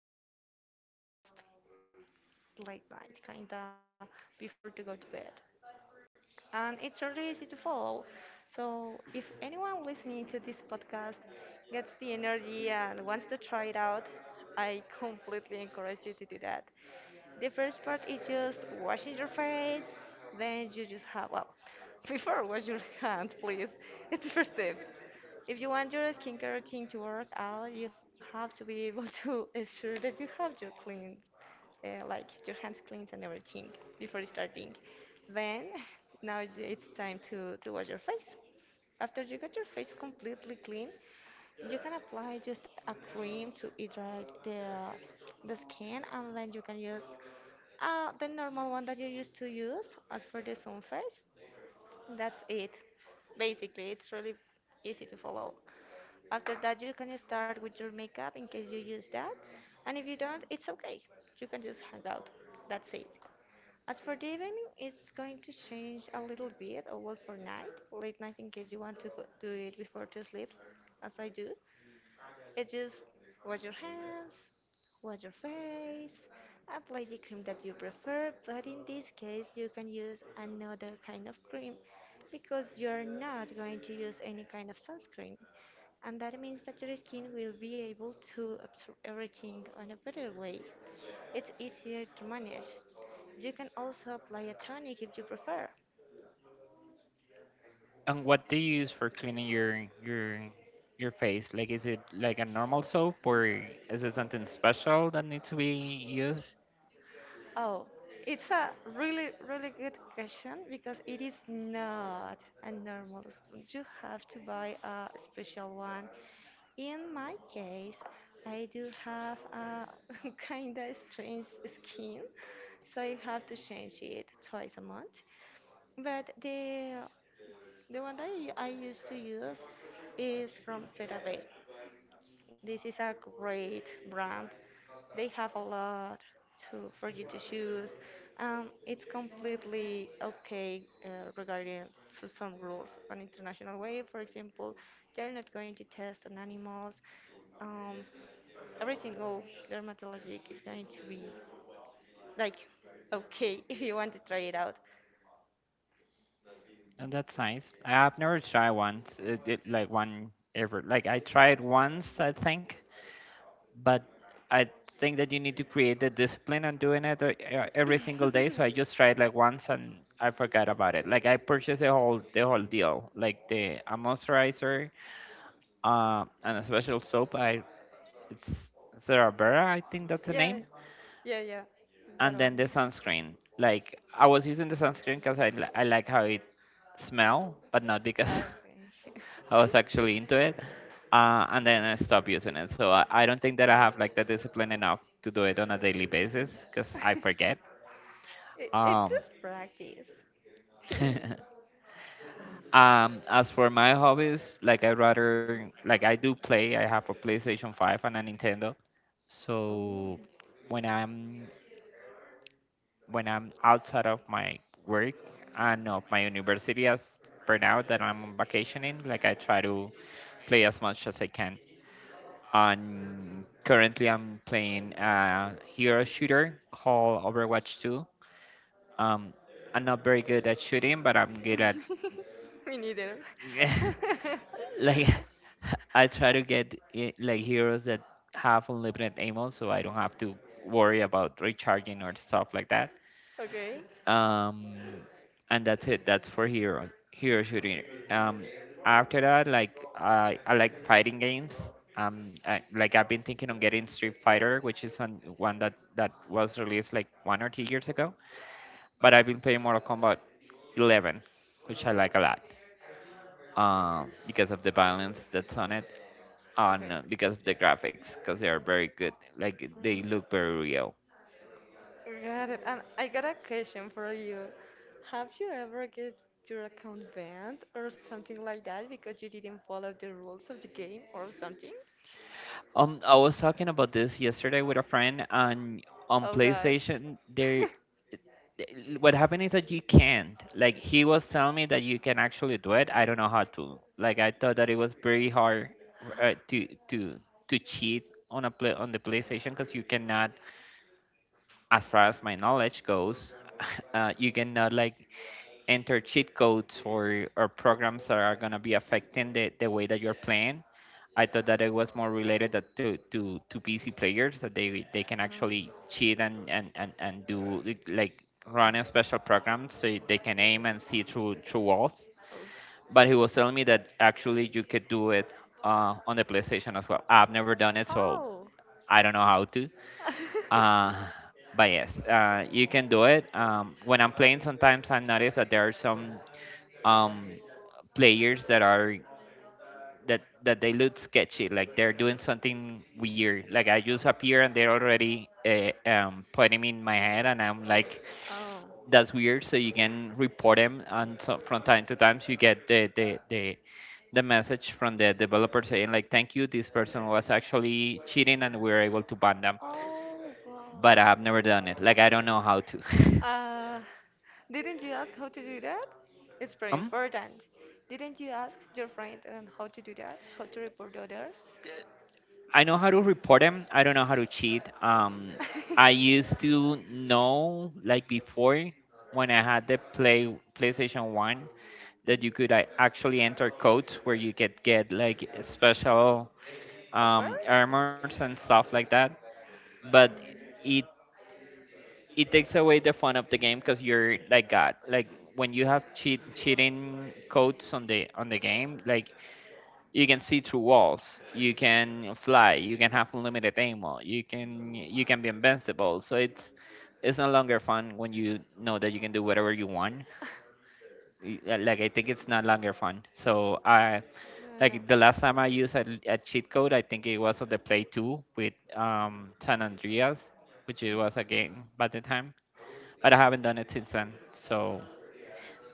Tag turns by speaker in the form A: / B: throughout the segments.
A: part is at the evening just late night, kinda before to go to bed. And it's really easy to follow. So if anyone listening to this podcast gets the energy and wants to try it out, I completely encourage you to do that. The first part is just washing your face, then you just have, well, before wash your hands, please. It's the first step. If you want your skincare routine to work out, you have to be able to assure that you have your clean like your hands clean and everything before starting. Then now it's time to wash your face. After you got your face completely clean, you can apply just a cream to hydrate the skin, and then you can use the normal one that you used to use as for the sun face. That's it. Basically, it's really easy to follow. After that, you can start with your makeup in case you use that. And if you don't, it's okay. You can just hang out. That's it. As for the evening, it's going to change a little bit, all for night, late night in case you want to do it before to sleep, as I do. It's just wash your hands, wash your face, apply the cream that you prefer, but in this case you can use another kind of cream because you're not going to use any kind of sunscreen. And that means that your skin will be able to absorb everything on a better way. It's easier to manage. You can also apply a tonic if you prefer.
B: And what do you use for cleaning your face? Like, is it like a normal soap, or is it something special that needs to be used?
A: Oh, it's a really, really good question because it is not a normal spoon. You have to buy a special one. In my case, I do have a kind of strange skin, so I have to change it twice a month. But the one that I used to use is from CeraVe. This is a great brand. They have a lot to for you to choose. It's completely okay regarding to some rules on international way. For example, they're not going to test on animals. Um, every single dermatologic is going to be like okay if you want to try it out.
B: And that's nice. I've never tried once. It like one ever. Like I tried once, I think, but I think that you need to create the discipline on doing it every single day. So I just tried like once and I forgot about it. Like I purchased the whole deal, like the a moisturizer, and a special soap. I it's Cerbera, I think that's the
A: Yeah,
B: name.
A: yeah. That
B: And then
A: one.
B: the sunscreen. Like I was using the sunscreen because I like how it smell, but not because
A: Okay.
B: I was actually into it. And then I stopped using it. So I don't think that I have like the discipline enough to do it on a daily basis because I forget.
A: It's
B: Um,
A: just practice.
B: as for my hobbies, like I rather like I do play. I have a PlayStation 5 and a Nintendo.
A: Oh.
B: So when I'm when I'm outside of my work and of my university as per now that I'm on vacationing, like I try to play as much as I can. And currently I'm playing a hero shooter called Overwatch 2. Um, I'm not very good at shooting, but I'm good at
A: Me neither.
B: like I try to get like heroes that have unlimited ammo, so I don't have to worry about recharging or stuff like that.
A: Okay.
B: um and that's it. That's for hero shooting. um after that, like I like fighting games. Like I've been thinking on getting street fighter, which is on one that that was released like 1 or 2 years ago, but I've been playing mortal kombat 11, which I like a lot because of the violence that's on it, on
A: Okay.
B: because of the graphics, because they are very good, like they
A: Mm,
B: look very real.
A: got it. And I got a question for you. Have you ever get your account banned or something like that because you didn't follow the rules of the game or something?
B: I was talking about this yesterday with a friend, and on
A: Oh gosh.
B: PlayStation, there, what happened is that you can't. Like he was telling me that you can actually do it. I don't know how to. Like I thought that it was very hard uh, to to to cheat on a play on the PlayStation because you cannot, as far as my knowledge goes, you cannot like enter cheat codes or programs that are gonna be affecting the way that you're playing. I thought that it was more related that to PC players that they can
A: um,
B: actually cheat and, and do like, run a special program so they can aim and see through walls.
A: oh.
B: But he was telling me that actually you could do it on the PlayStation as well. I've never done it, so
A: How?
B: I don't know how to. Uh, but yes, you can do it. When I'm playing, sometimes I notice that there are some um, players that are that they look sketchy, like they're doing something weird. Like I just appear and they're already putting in my head, and I'm like,
A: Oh.
B: that's weird. So you can report them, and so from time to time, so you get the message from the developer saying like, thank you, this person was actually cheating, and we were able to ban them,
A: Oh, wow.
B: but I have never done it. Like I don't know how to.
A: Uh, didn't you ask how to do that? It's very
B: um,
A: important. Didn't you ask your friend and how to do that? How to report others?
B: I know how to report them. I don't know how to cheat. I used to know like before, when I had the PlayStation One, that you could
A: Mm.
B: actually enter codes where you could get like special
A: Of course.
B: armors and stuff like that. But
A: Mm.
B: it it takes away the fun of the game because you're like God. Like when you have cheating codes on the game, like you can see through walls, you can fly, you can have unlimited ammo, you can be invincible, so it's no longer fun when you know that you can do whatever you want. Like I think it's no longer fun, so I
A: No, no.
B: like the last time I used a cheat code, I think it was on the play 2 with san andreas, which it was a game by the time, but I haven't done it since then, so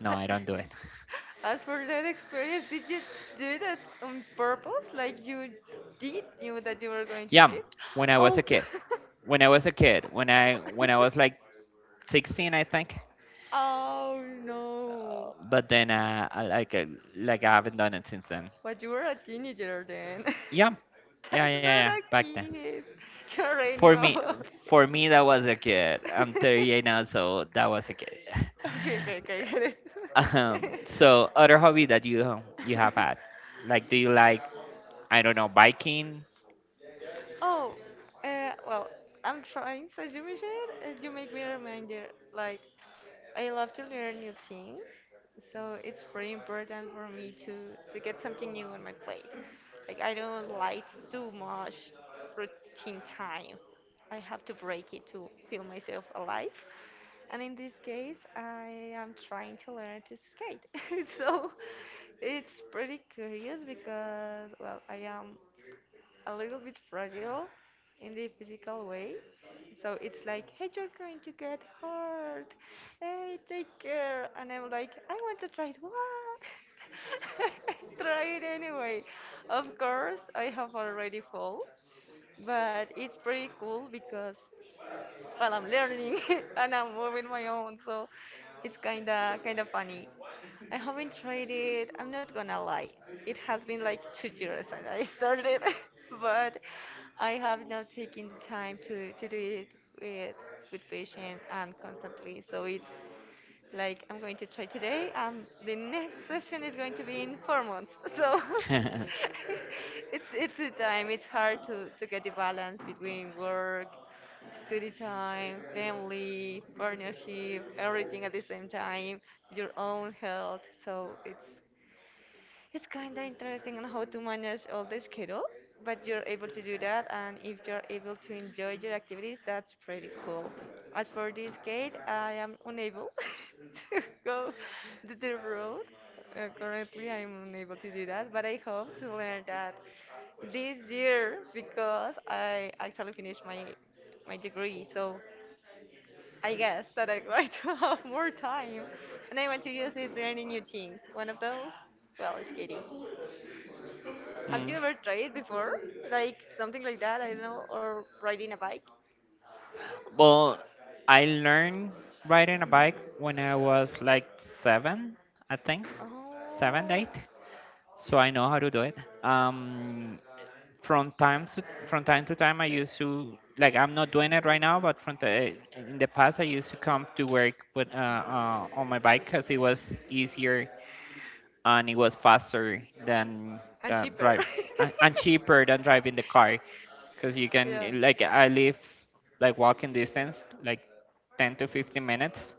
B: no, I don't do it.
A: As for that experience, did you do that on purpose? Like you did knew that you were going to
B: Yeah,
A: shit?
B: when I was
A: Oh.
B: a kid, when I was like 16, I think.
A: Oh no.
B: But then I like Like I haven't done it since then.
A: But you were a teenager then.
B: Yeah,
A: That's
B: yeah.
A: not a
B: Back then,
A: kid. You already knew
B: for me,
A: about it.
B: for me that was a kid. I'm 38 now, so that was a kid.
A: Okay, okay, okay, I get it.
B: So other hobby that you you have had, like do you like, I don't know, biking?
A: Oh, well, I'm trying, so you mentioned it, and you make me reminder, like, I love to learn new things, so it's pretty important for me to get something new on my plate. Like I don't like too much routine time. I have to break it to feel myself alive. And in this case, I am trying to learn to skate. So it's pretty curious because, well, I am a little bit fragile in the physical way. So it's like, hey, you're going to get hurt. Hey, take care. And I'm like, I want to try it. What? Try it anyway. Of course, I have already fall, but it's pretty cool because while I'm learning and I'm moving my own. So it's kinda funny. I haven't tried it. I'm not gonna lie. It has been like 2 years and I started, but I have not taken the time to do it with with patience and constantly. So it's like I'm going to try today. The next session is going to be in 4 months. So it's a time. It's hard to get the balance between work, study time, family, partnership, everything at the same time. Your own health. So it's kind of interesting on how to manage all the schedule, but you're able to do that, and if you're able to enjoy your activities, that's pretty cool. As for this gate, I am unable to go to the road. Currently, I'm unable to do that, but I hope to learn that this year because I actually finished my degree. So I guess that I'm going to have more time, and I want to use it learning new things. One of those, well, is skating. Have
B: Mm.
A: you ever tried before? Like something like that, I don't know, or riding a bike?
B: Well, I learned riding a bike when I was like seven, I think, seven,
A: Oh,
B: eight. So I know how to do it. Um, from time to from time to time, I used to like, I'm not doing it right now, but from in the past, I used to come to work with on my bike because it was easier and it was faster than
A: and cheaper.
B: drive and cheaper than driving the car, because you
A: Yeah.
B: can, like I live like walking distance, like 10 to 15 minutes,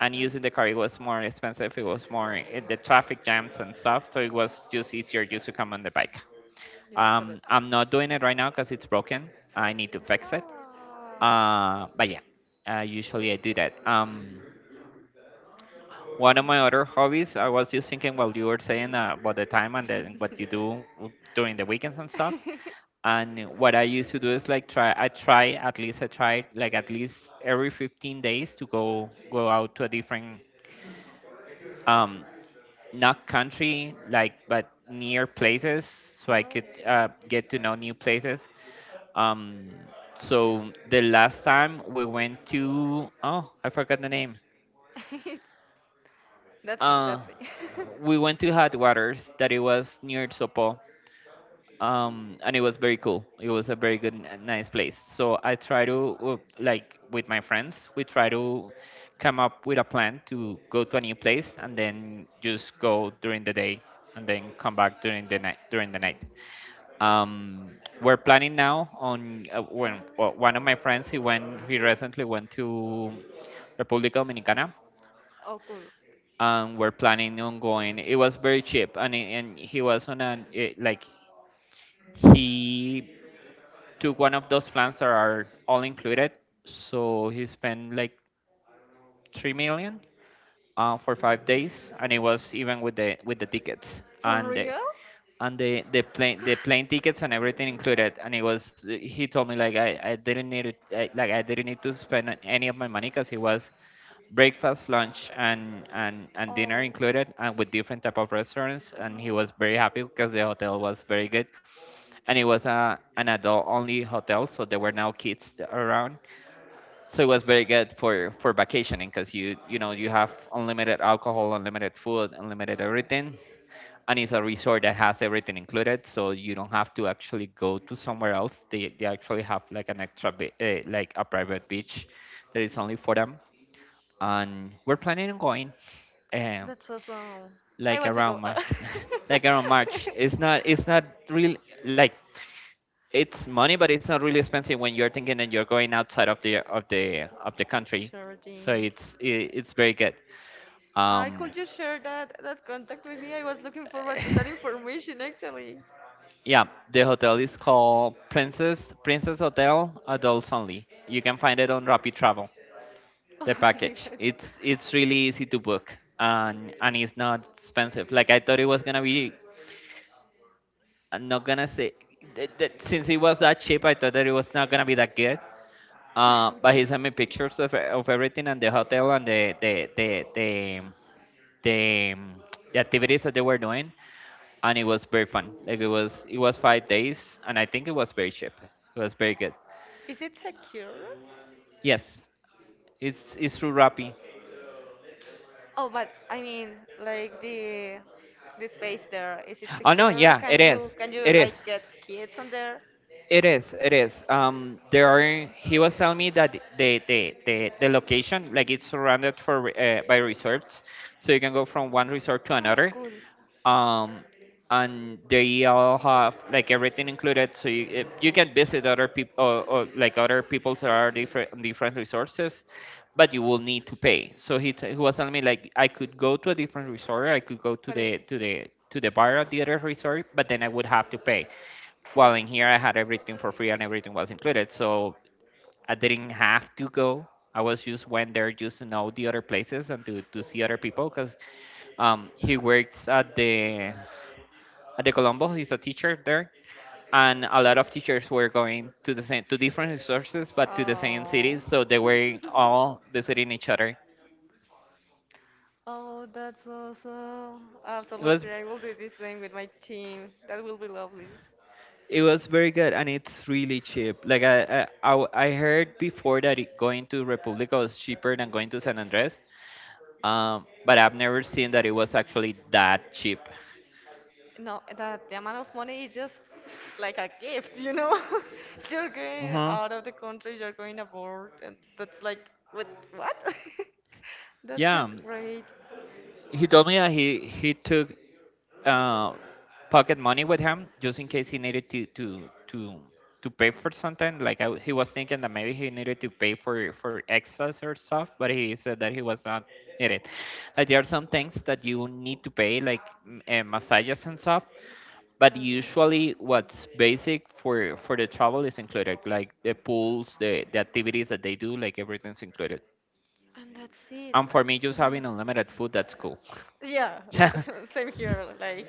B: and using the car
A: Mm.
B: it was more expensive, it was more, the traffic jams and stuff, so it was just easier just to come on the bike.
A: Yeah, absolutely.
B: I'm not doing it right now because it's broken, I need to fix it.
A: Oh.
B: But yeah Usually I do that. One of my other hobbies, I was just thinking while you were saying, about the time and then what you do during the weekends and stuff, and what I used to do is like, try I try at least I try like at least every 15 days to go out to a different um not country, like, but near places, so I could
A: Oh.
B: get to know new places. um so the last time we went to, oh I forgot the name,
A: That's me,
B: uh
A: that's me.
B: we went to hot waters that it was near Sopo. And it was very cool, it was a very good and nice place, so I try to, like with my friends, we try to come up with a plan to go to a new place and then just go during the day and then come back during the night um we're planning now on, when well, one
A: Oh.
B: of my friends, he recently went to republica dominicana,
A: Oh, cool.
B: and we're planning on going. It was very cheap, and, he was on like he to one of those plans that are all included. So he spent like 3 million for 5 days, and it was even with the tickets
A: For real?
B: and the plane tickets and everything included. And it was, he told me like, I didn't need like I didn't need to spend any of my money because it was breakfast, lunch, and
A: Oh.
B: dinner included, and with different type of restaurants. And he was very happy because the hotel was very good and it was an adult only hotel, so there were no kids around, so it was very good for vacationing, because you know you have unlimited alcohol, unlimited food, unlimited everything, and it's a resort that has everything included, so you don't have to actually go to somewhere else. They actually have like an extra like a private beach that is only for them. And we're planning on going, um
A: That's awesome. I
B: like
A: want to
B: around
A: go.
B: march. Like around march. It's not, it's not real, like, it's money, but it's not really expensive when you're thinking that you're going outside of the country.
A: Sure
B: So
A: thing.
B: it's very good.
A: I
B: Um,
A: could you share that contact with me? I was looking forward to that information actually.
B: yeah, the hotel is called Princess Hotel Adults Only. You can find it on Rapid Travel.
A: Oh
B: The
A: my
B: package.
A: God.
B: It's really easy to book, and it's not expensive, like I thought it was gonna be. I'm not gonna say that since it was that cheap, I thought that it was not gonna be that good. But he sent me pictures of everything and the hotel and the, um, the activities that they were doing, and it was very fun. Like it was 5 days, and I think it was very cheap. It was very good.
A: Is it secure?
B: Yes, it's through Rappi.
A: Oh, but I mean, like the space there, is it
B: Oh no,
A: secure?
B: yeah,
A: Can
B: it is.
A: you can you
B: It is.
A: like get kids on there?
B: It is, it is. There are. He was telling me that the location, like it's surrounded by resorts, so you can go from one resort to
A: Oh,
B: another.
A: cool.
B: Um, and they all have like everything included, so you you can visit other people or like other people's that are different different resources, but you will need to pay. So he was telling me like I could go to a different resort, I could go to
A: But I,
B: the bar at the other resort, but then I would have to pay. Well, in here I had everything for free and everything was included, so I didn't have to go. I was just went there just to know the other places and to see other people because he works at the Colombo. He's a teacher there, and a lot of
A: yeah.
B: teachers were going to the same to different resources, but to the same
A: Oh.
B: cities, so they were all visiting each other.
A: Oh, that's awesome.
B: It was
A: Absolutely. I will do the same with my team. That will be lovely.
B: It was very good and it's really cheap. Like I heard before that it, going to Republica was cheaper than going to San Andres. But I've never seen that it was actually that cheap.
A: No, that the amount of money is just like a gift, you know? You're going
B: Uh-huh.
A: out of the country, you're going abroad, and that's like, what? What? That's
B: Yeah.
A: just great.
B: He told me that he took uh, pocket money with him just in case he needed to pay for something. He was thinking that maybe he needed to pay for extras or stuff, but he said that he was not needed. Like there are some things that you need to pay, like massages and stuff. But usually what's basic for the travel is included, like the pools, the activities that they do. Like everything's included,
A: And that's it.
B: and for me, just having unlimited food, that's cool.
A: Yeah,
B: Yeah.
A: same here. Like,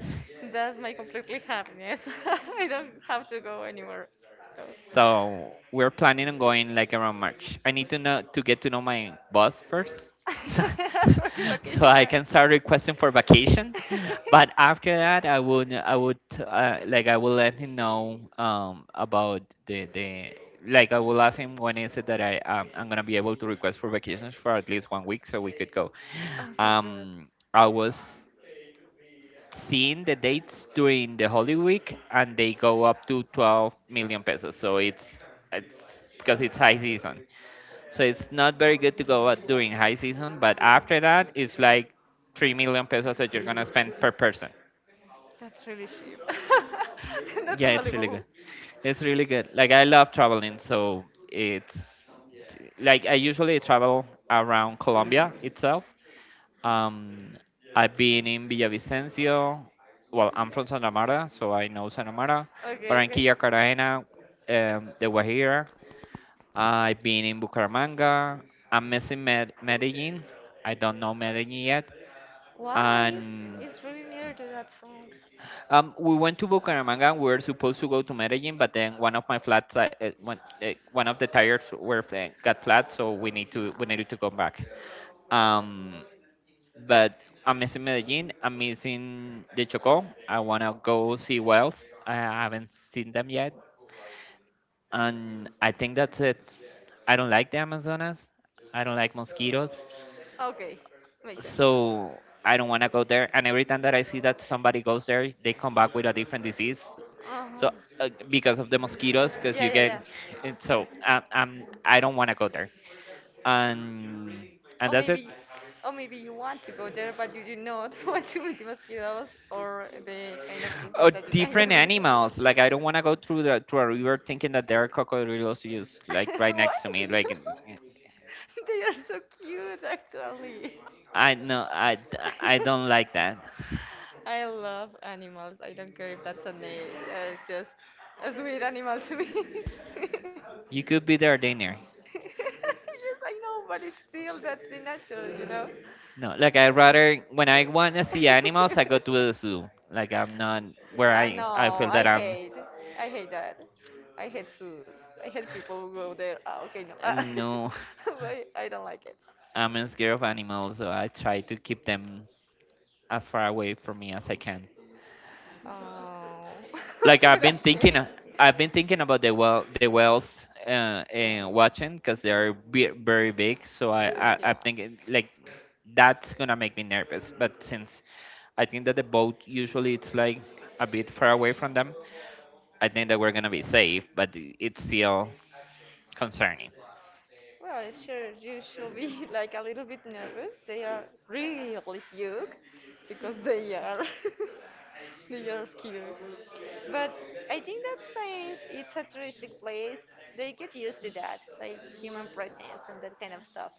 A: that's my completely happiness. I don't have to go anywhere else.
B: So we're planning on going like around March. I need to know to get to know my boss first.
A: As for the
B: So
A: vacation,
B: I
A: right?
B: can start requesting for vacation. But after that, I would like I will let him know about the like I will ask him when is it that I I'm gonna be able to request for vacations for at least 1 week so we could go.
A: Oh, sounds good.
B: I was seeing the dates during the Holy Week, and they go up to 12 million pesos. So it's because it's high season. So it's not very good to go out during high season, but after that, it's like 3 million pesos that you're gonna spend per person.
A: That's really cheap. That's
B: Yeah, it's really good.
A: unbelievable.
B: It's really good. Like I love traveling, so it's like I usually travel around Colombia itself. Um, I've been in Villavicencio. Well, I'm from Santa Marta, so I know Santa Marta.
A: Okay, okay.
B: Barranquilla, Cartagena, the Guajira. I've been in Bucaramanga. I'm missing Medellin. I don't know Medellin yet.
A: Why?
B: And
A: It's really near to that song.
B: we went to Bucaramanga. And we were supposed to go to Medellin, but then one of my flats, one of the tires got flat, so
A: Ah,
B: we needed to come back. Um, But I'm missing Medellin. I'm missing the Chocó. I wanna go see whales. I haven't seen them yet, and I think that's it. I don't like the Amazonas. I don't like mosquitoes,
A: okay, makes sense.
B: so I don't wanna go there. And every time that I see that somebody goes there, they come back with a different disease.
A: Uh-huh.
B: So because of the mosquitoes, because
A: Yeah,
B: you
A: yeah,
B: get,
A: yeah.
B: and so I don't wanna go there. And
A: Or
B: and that's it.
A: maybe, or maybe you want to go there, but you do not want to meet the mosquitoes or the kind of insects
B: Or
A: that you can
B: different
A: get.
B: animals. Like I don't want to go through the through a river thinking that there are crocodiles just like right
A: Why
B: next to me.
A: not?
B: Like
A: They are so cute, actually.
B: I no, I don't like that.
A: I love animals. I don't care if that's a name. Just a sweet animal to me. Yes,
B: You could be there, dinner.
A: I know, but it's still that's the natural, you know.
B: No, like I rather when I want to see animals, I go to the zoo. Like I'm not where I
A: No,
B: feel that
A: I
B: I'm
A: hate. I hate that. I hate zoos. I hate people who go there. Ah, okay, no.
B: no,
A: But I don't like it.
B: I'm scared of animals, so I try to keep them as far away from me as I can.
A: Oh,
B: Like
A: that's shame.
B: I've been thinking about the, well, the whales uh, and watching because they are very big. So
A: Yeah.
B: like that's gonna make me nervous. But since I think that the boat usually it's like a bit far away from them, I think that we're gonna be safe. But it's still concerning.
A: Well, sure, you should be like a little bit nervous. They are really huge because they are. They are cute. But I think that since it's a touristic place, they get used to that, like human presence and that kind of stuff.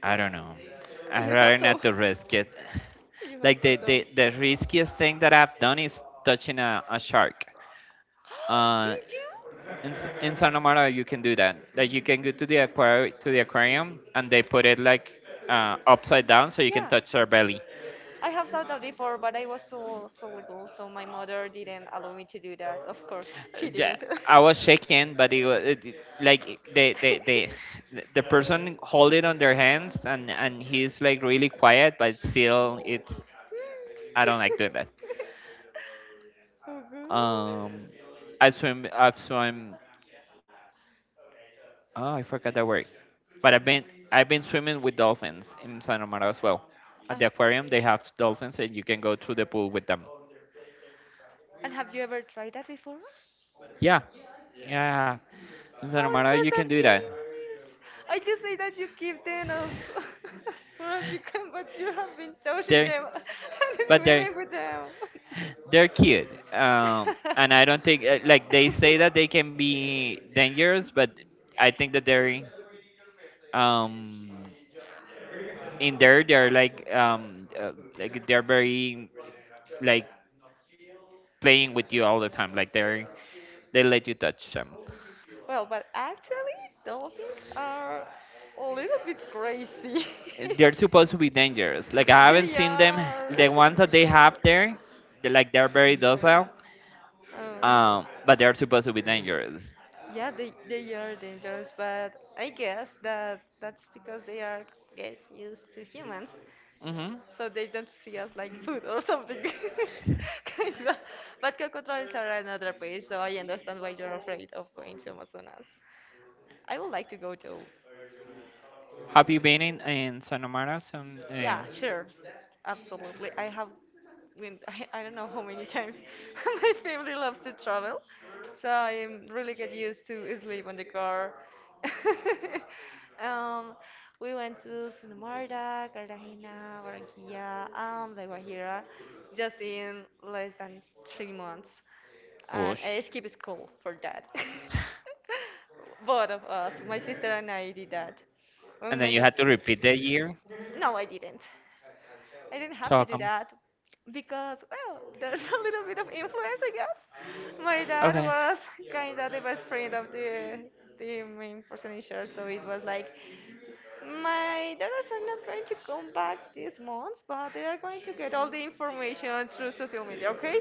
B: I don't know. I'd
A: You hope
B: rather
A: so.
B: not to risk it.
A: You
B: Like
A: hope so too.
B: the riskiest thing that I've done is touching a shark. Uh,
A: Did you?
B: In Santa Marta you can do that. Like you can go to the aquarium and they put it like upside down so you can
A: Yeah,
B: touch their belly.
A: I have thought that before, but I was so little, so my mother didn't allow me to do that. Of course, she
B: Yeah,
A: didn't.
B: I was shaking, but it was it, it- like they the person hold it on their hands and he's like really quiet, but still it's I don't like doing that.
A: Oh God.
B: Um, I swim. Oh, I forgot that word. But I've been swimming with dolphins in San Amaro as well.
A: Uh,
B: At the aquarium, they have dolphins, and you can go through the pool with them.
A: and have you ever tried that before?
B: Yeah, yeah. In San
A: How
B: Amaro,
A: does
B: you
A: that
B: can do that.
A: feel? I just say that you keep them as, as far as you can, but you have been touching
B: They,
A: them and
B: they,
A: swimming with them.
B: they're cute. And I don't think like they say that they can be dangerous, but I think that they're um in there they're like they're very like playing with you all the time. Like they're they let you touch them.
A: Well, but actually, dolphins are a little bit crazy.
B: They're supposed to be dangerous. Like I haven't
A: They
B: seen them.
A: are.
B: The ones that they have there, they're like they're very docile,
A: Um,
B: but they're supposed to be dangerous.
A: yeah, they are dangerous, but I guess that that's because they are get used to humans.
B: Hmm.
A: So they don't see us like food or something kind of. But coco are another place, so I understand why you're afraid of going to Amazonas. I would like to go too.
B: Have you been in Sonomara?
A: Yeah, sure. Absolutely. I have been, I don't know how many times my family loves to travel. So I am really get used to sleep on the car. um, we went to Sonomarda, Cartagena, Barranquilla, and La Guajira just in less than 3 months. And
B: Whoosh.
A: I skipped school for that. Both of us, my sister and I did that.
B: And
A: And
B: then you
A: my,
B: had to repeat the year.
A: no, I didn't. I didn't have
B: So
A: to
B: how
A: do
B: come?
A: that because, well, there's a little bit of influence, I guess. My dad
B: Okay.
A: was kind of the best friend of the main person in charge, so it was like, my daughters are not going to come back this month, but they are going to get all the information through social media, okay?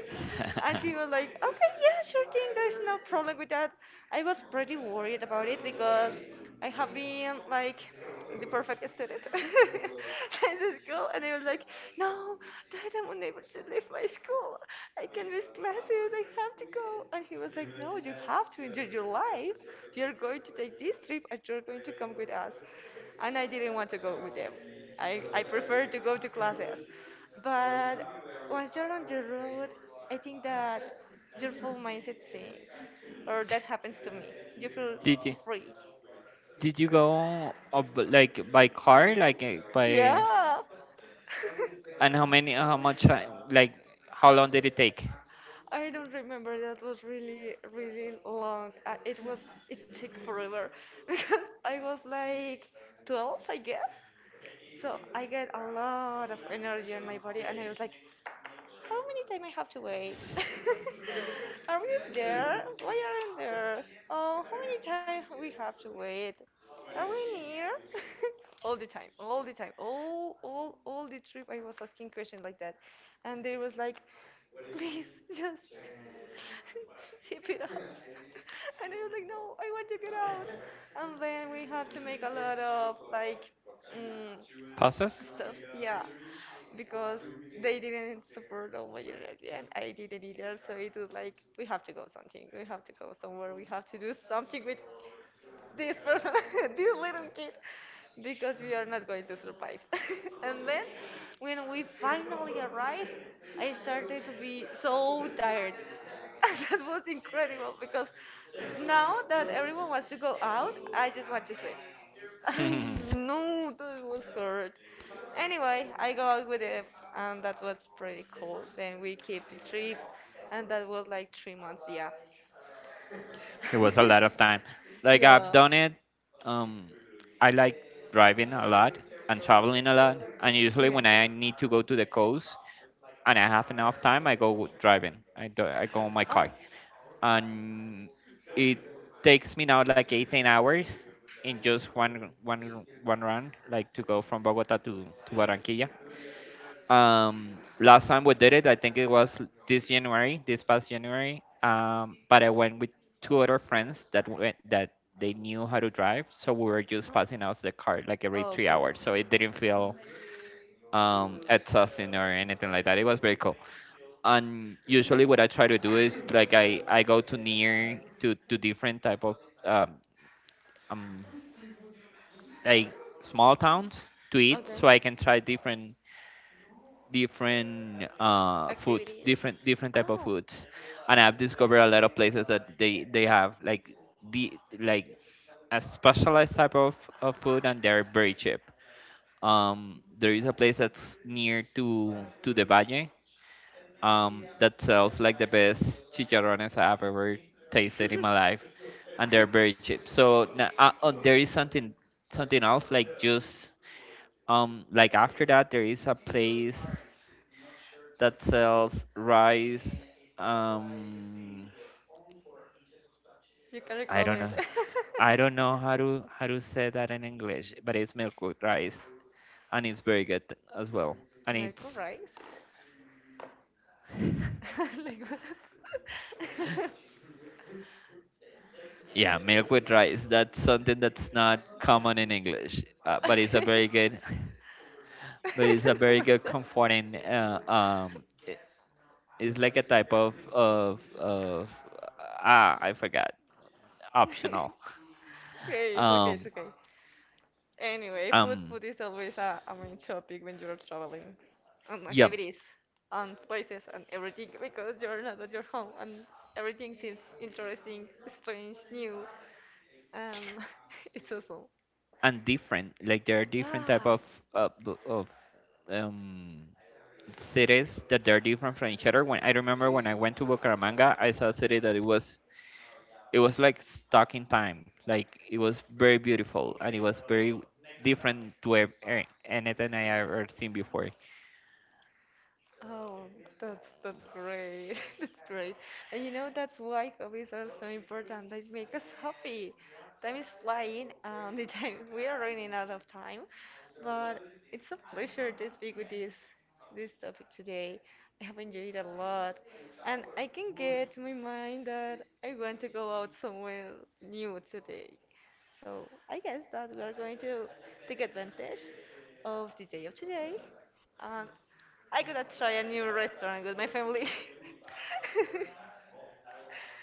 A: And she was like, okay, yeah, sure thing, there's no problem with that. I was pretty worried about it because I have been like the perfect student in the school, and I was like, no, Dad, I'm unable to leave my school. I can miss classes, I have to go. And he was like, no, you have to enjoy your life. You're going to take this trip and you're going to come with us, and I didn't want to go with them. I prefer to go to classes. But once you're on the road, I think that your full mindset changes, or that happens to me. You feel
B: did you
A: free.
B: did you go up, like by car, like by,
A: Yeah.
B: and how many? How much? Like how long did it take?
A: I don't remember. That was really, really long. It was, it took forever because I was like 12, I guess. So I get a lot of energy on my body, and I was like, how many time I have to wait? Are we there? Why aren't there? Oh, how many time we have to wait? Are we near? All the time, all the time, all the trip I was asking questions like that, and they was like, please, just zip it up, and I was like, no, I want to get out, and then we have to make a lot of like. Mm,
B: Passes?
A: Stuff. Yeah, because they didn't support all my energy and I didn't either. So it was like, we have to go something. We have to go somewhere. We have to do something with this person, this little kid, because we are not going to survive. And then when we finally arrived, I started to be so tired. That was incredible because now that everyone wants to go out, I just want to sleep.
B: It
A: I know that was hard. Anyway, I go out with him, and that was pretty cool. Then we keep the trip, and that was like 3 months, yeah.
B: was a lot of time. Like I've
A: Yeah.
B: done it. Um, I like driving a lot and traveling a lot. And usually
A: Okay.
B: when I need to go to the coast and I have enough time, I go driving. I go on my car,
A: Oh,
B: and it takes me now like 18 hours in just one run, like to go from Bogota to Barranquilla. Last time we did it, I think it was this January, this past January. But I went with two other friends that they knew how to drive, so we were just
A: oh,
B: passing out the car like every
A: oh,
B: three
A: cool.
B: hours, so it didn't feel exhausting or anything like that. It was very cool. And usually, what I try to do is like I go to near to different type of um like small towns to eat,
A: Okay.
B: so I can try different different foods,
A: Activities.
B: different different type of
A: Oh,
B: foods, and I've discovered a lot of places that they have like the like a specialized type of food, and they're very cheap. There is a place that's near to the Valle that sells like the best chicharrones I've ever tasted in my life, and they're very cheap. So there is something something else, like just like after that there is a place that sells rice. Um,
A: you can
B: I
A: recall
B: don't know.
A: it.
B: I don't know how to say that in English, but it's milk with rice, and it's very good as well. And
A: Merkel
B: it's
A: rice? Like what?
B: yeah, milk with rice. That's something that's not common in English. But it's a
A: Okay.
B: very good,
A: I
B: but it's a
A: don't know
B: very
A: what's
B: good
A: that.
B: comforting. It's like a type of ah, I forgot optional.
A: Okay, it's okay, it's
B: Um,
A: okay. Anyway, food,
B: um,
A: food is always a main topic when you're traveling, on
B: yeah,
A: activities, on places, on everything, because you're not at your home and everything seems interesting, strange, new. Um, it's awesome.
B: and different. Like there are different type
A: Yeah.
B: of uh, b- of um, cities that they're different from each other. When I remember when I went to Bucaramanga, I saw a city that it was like stuck in time. Like it was very beautiful and it was very different to anything I ever seen before.
A: Oh, that's great. That's great. And you know that's why hobbies are so important. They make us happy. Time is flying. The time we are running out of time, but it's a pleasure to speak with this topic today. I have enjoyed a lot, and I can get to my mind that I want to go out somewhere new today. So I guess that we are going to take advantage of the day of today. Um, I gotta try a new restaurant with my family.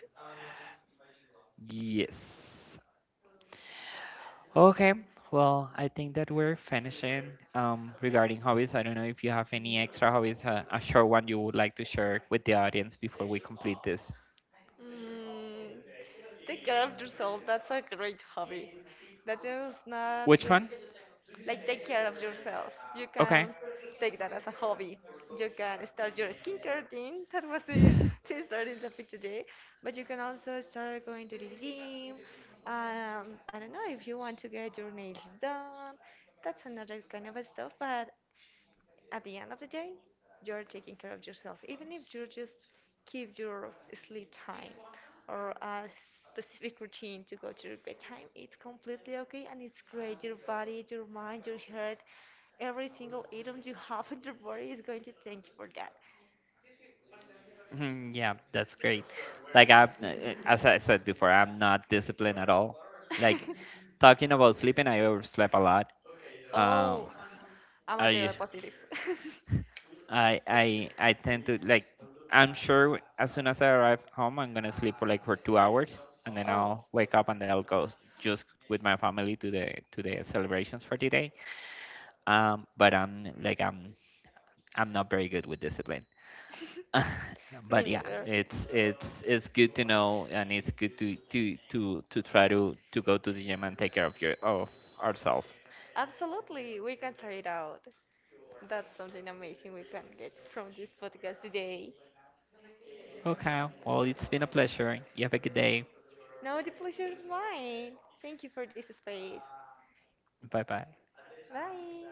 B: Yes. Okay. Well, I think that we're finishing, regarding hobbies. I don't know if you have any extra hobbies, a short one you would like to share with the audience before we complete this.
A: mm, Take care of yourself. That's a great hobby. That is not
B: Which
A: the-
B: one?
A: like, take care of yourself. You
B: Okay.
A: can take that as a hobby. You can start your skincare routine. That was the starting topic today. But you can also start going to the gym. I don't know if you want to get your nails done. That's another kind of stuff, but at the end of the day, you're taking care of yourself, even if you just keep your sleep time or a specific routine to go to your bedtime. It's completely okay and it's great. Your body, your mind, your heart, every single atom you have in your body is going to thank you for that.
B: Mhm, yeah, that's great. Like I, as I said before, I'm not disciplined at all. Like talking about sleeping, I overslept a lot. Um,
A: Oh, I'm a
B: I,
A: daily positive.
B: I tend to like. I'm sure as soon as I arrive home, I'm gonna sleep for like for 2 hours, and then
A: Oh,
B: I'll wake up and I'll go just with my family to the celebrations for the day. But I'm not very good with discipline.
A: me
B: But yeah,
A: neither.
B: it's good to know, and it's good to try to go to the gym and take care of your of ourselves.
A: Absolutely, we can try it out. That's something amazing we can get from this podcast today.
B: Okay, well, it's been a pleasure. You have a good day.
A: Now the pleasure is mine. Thank you for this space.
B: Bye bye.
A: Bye.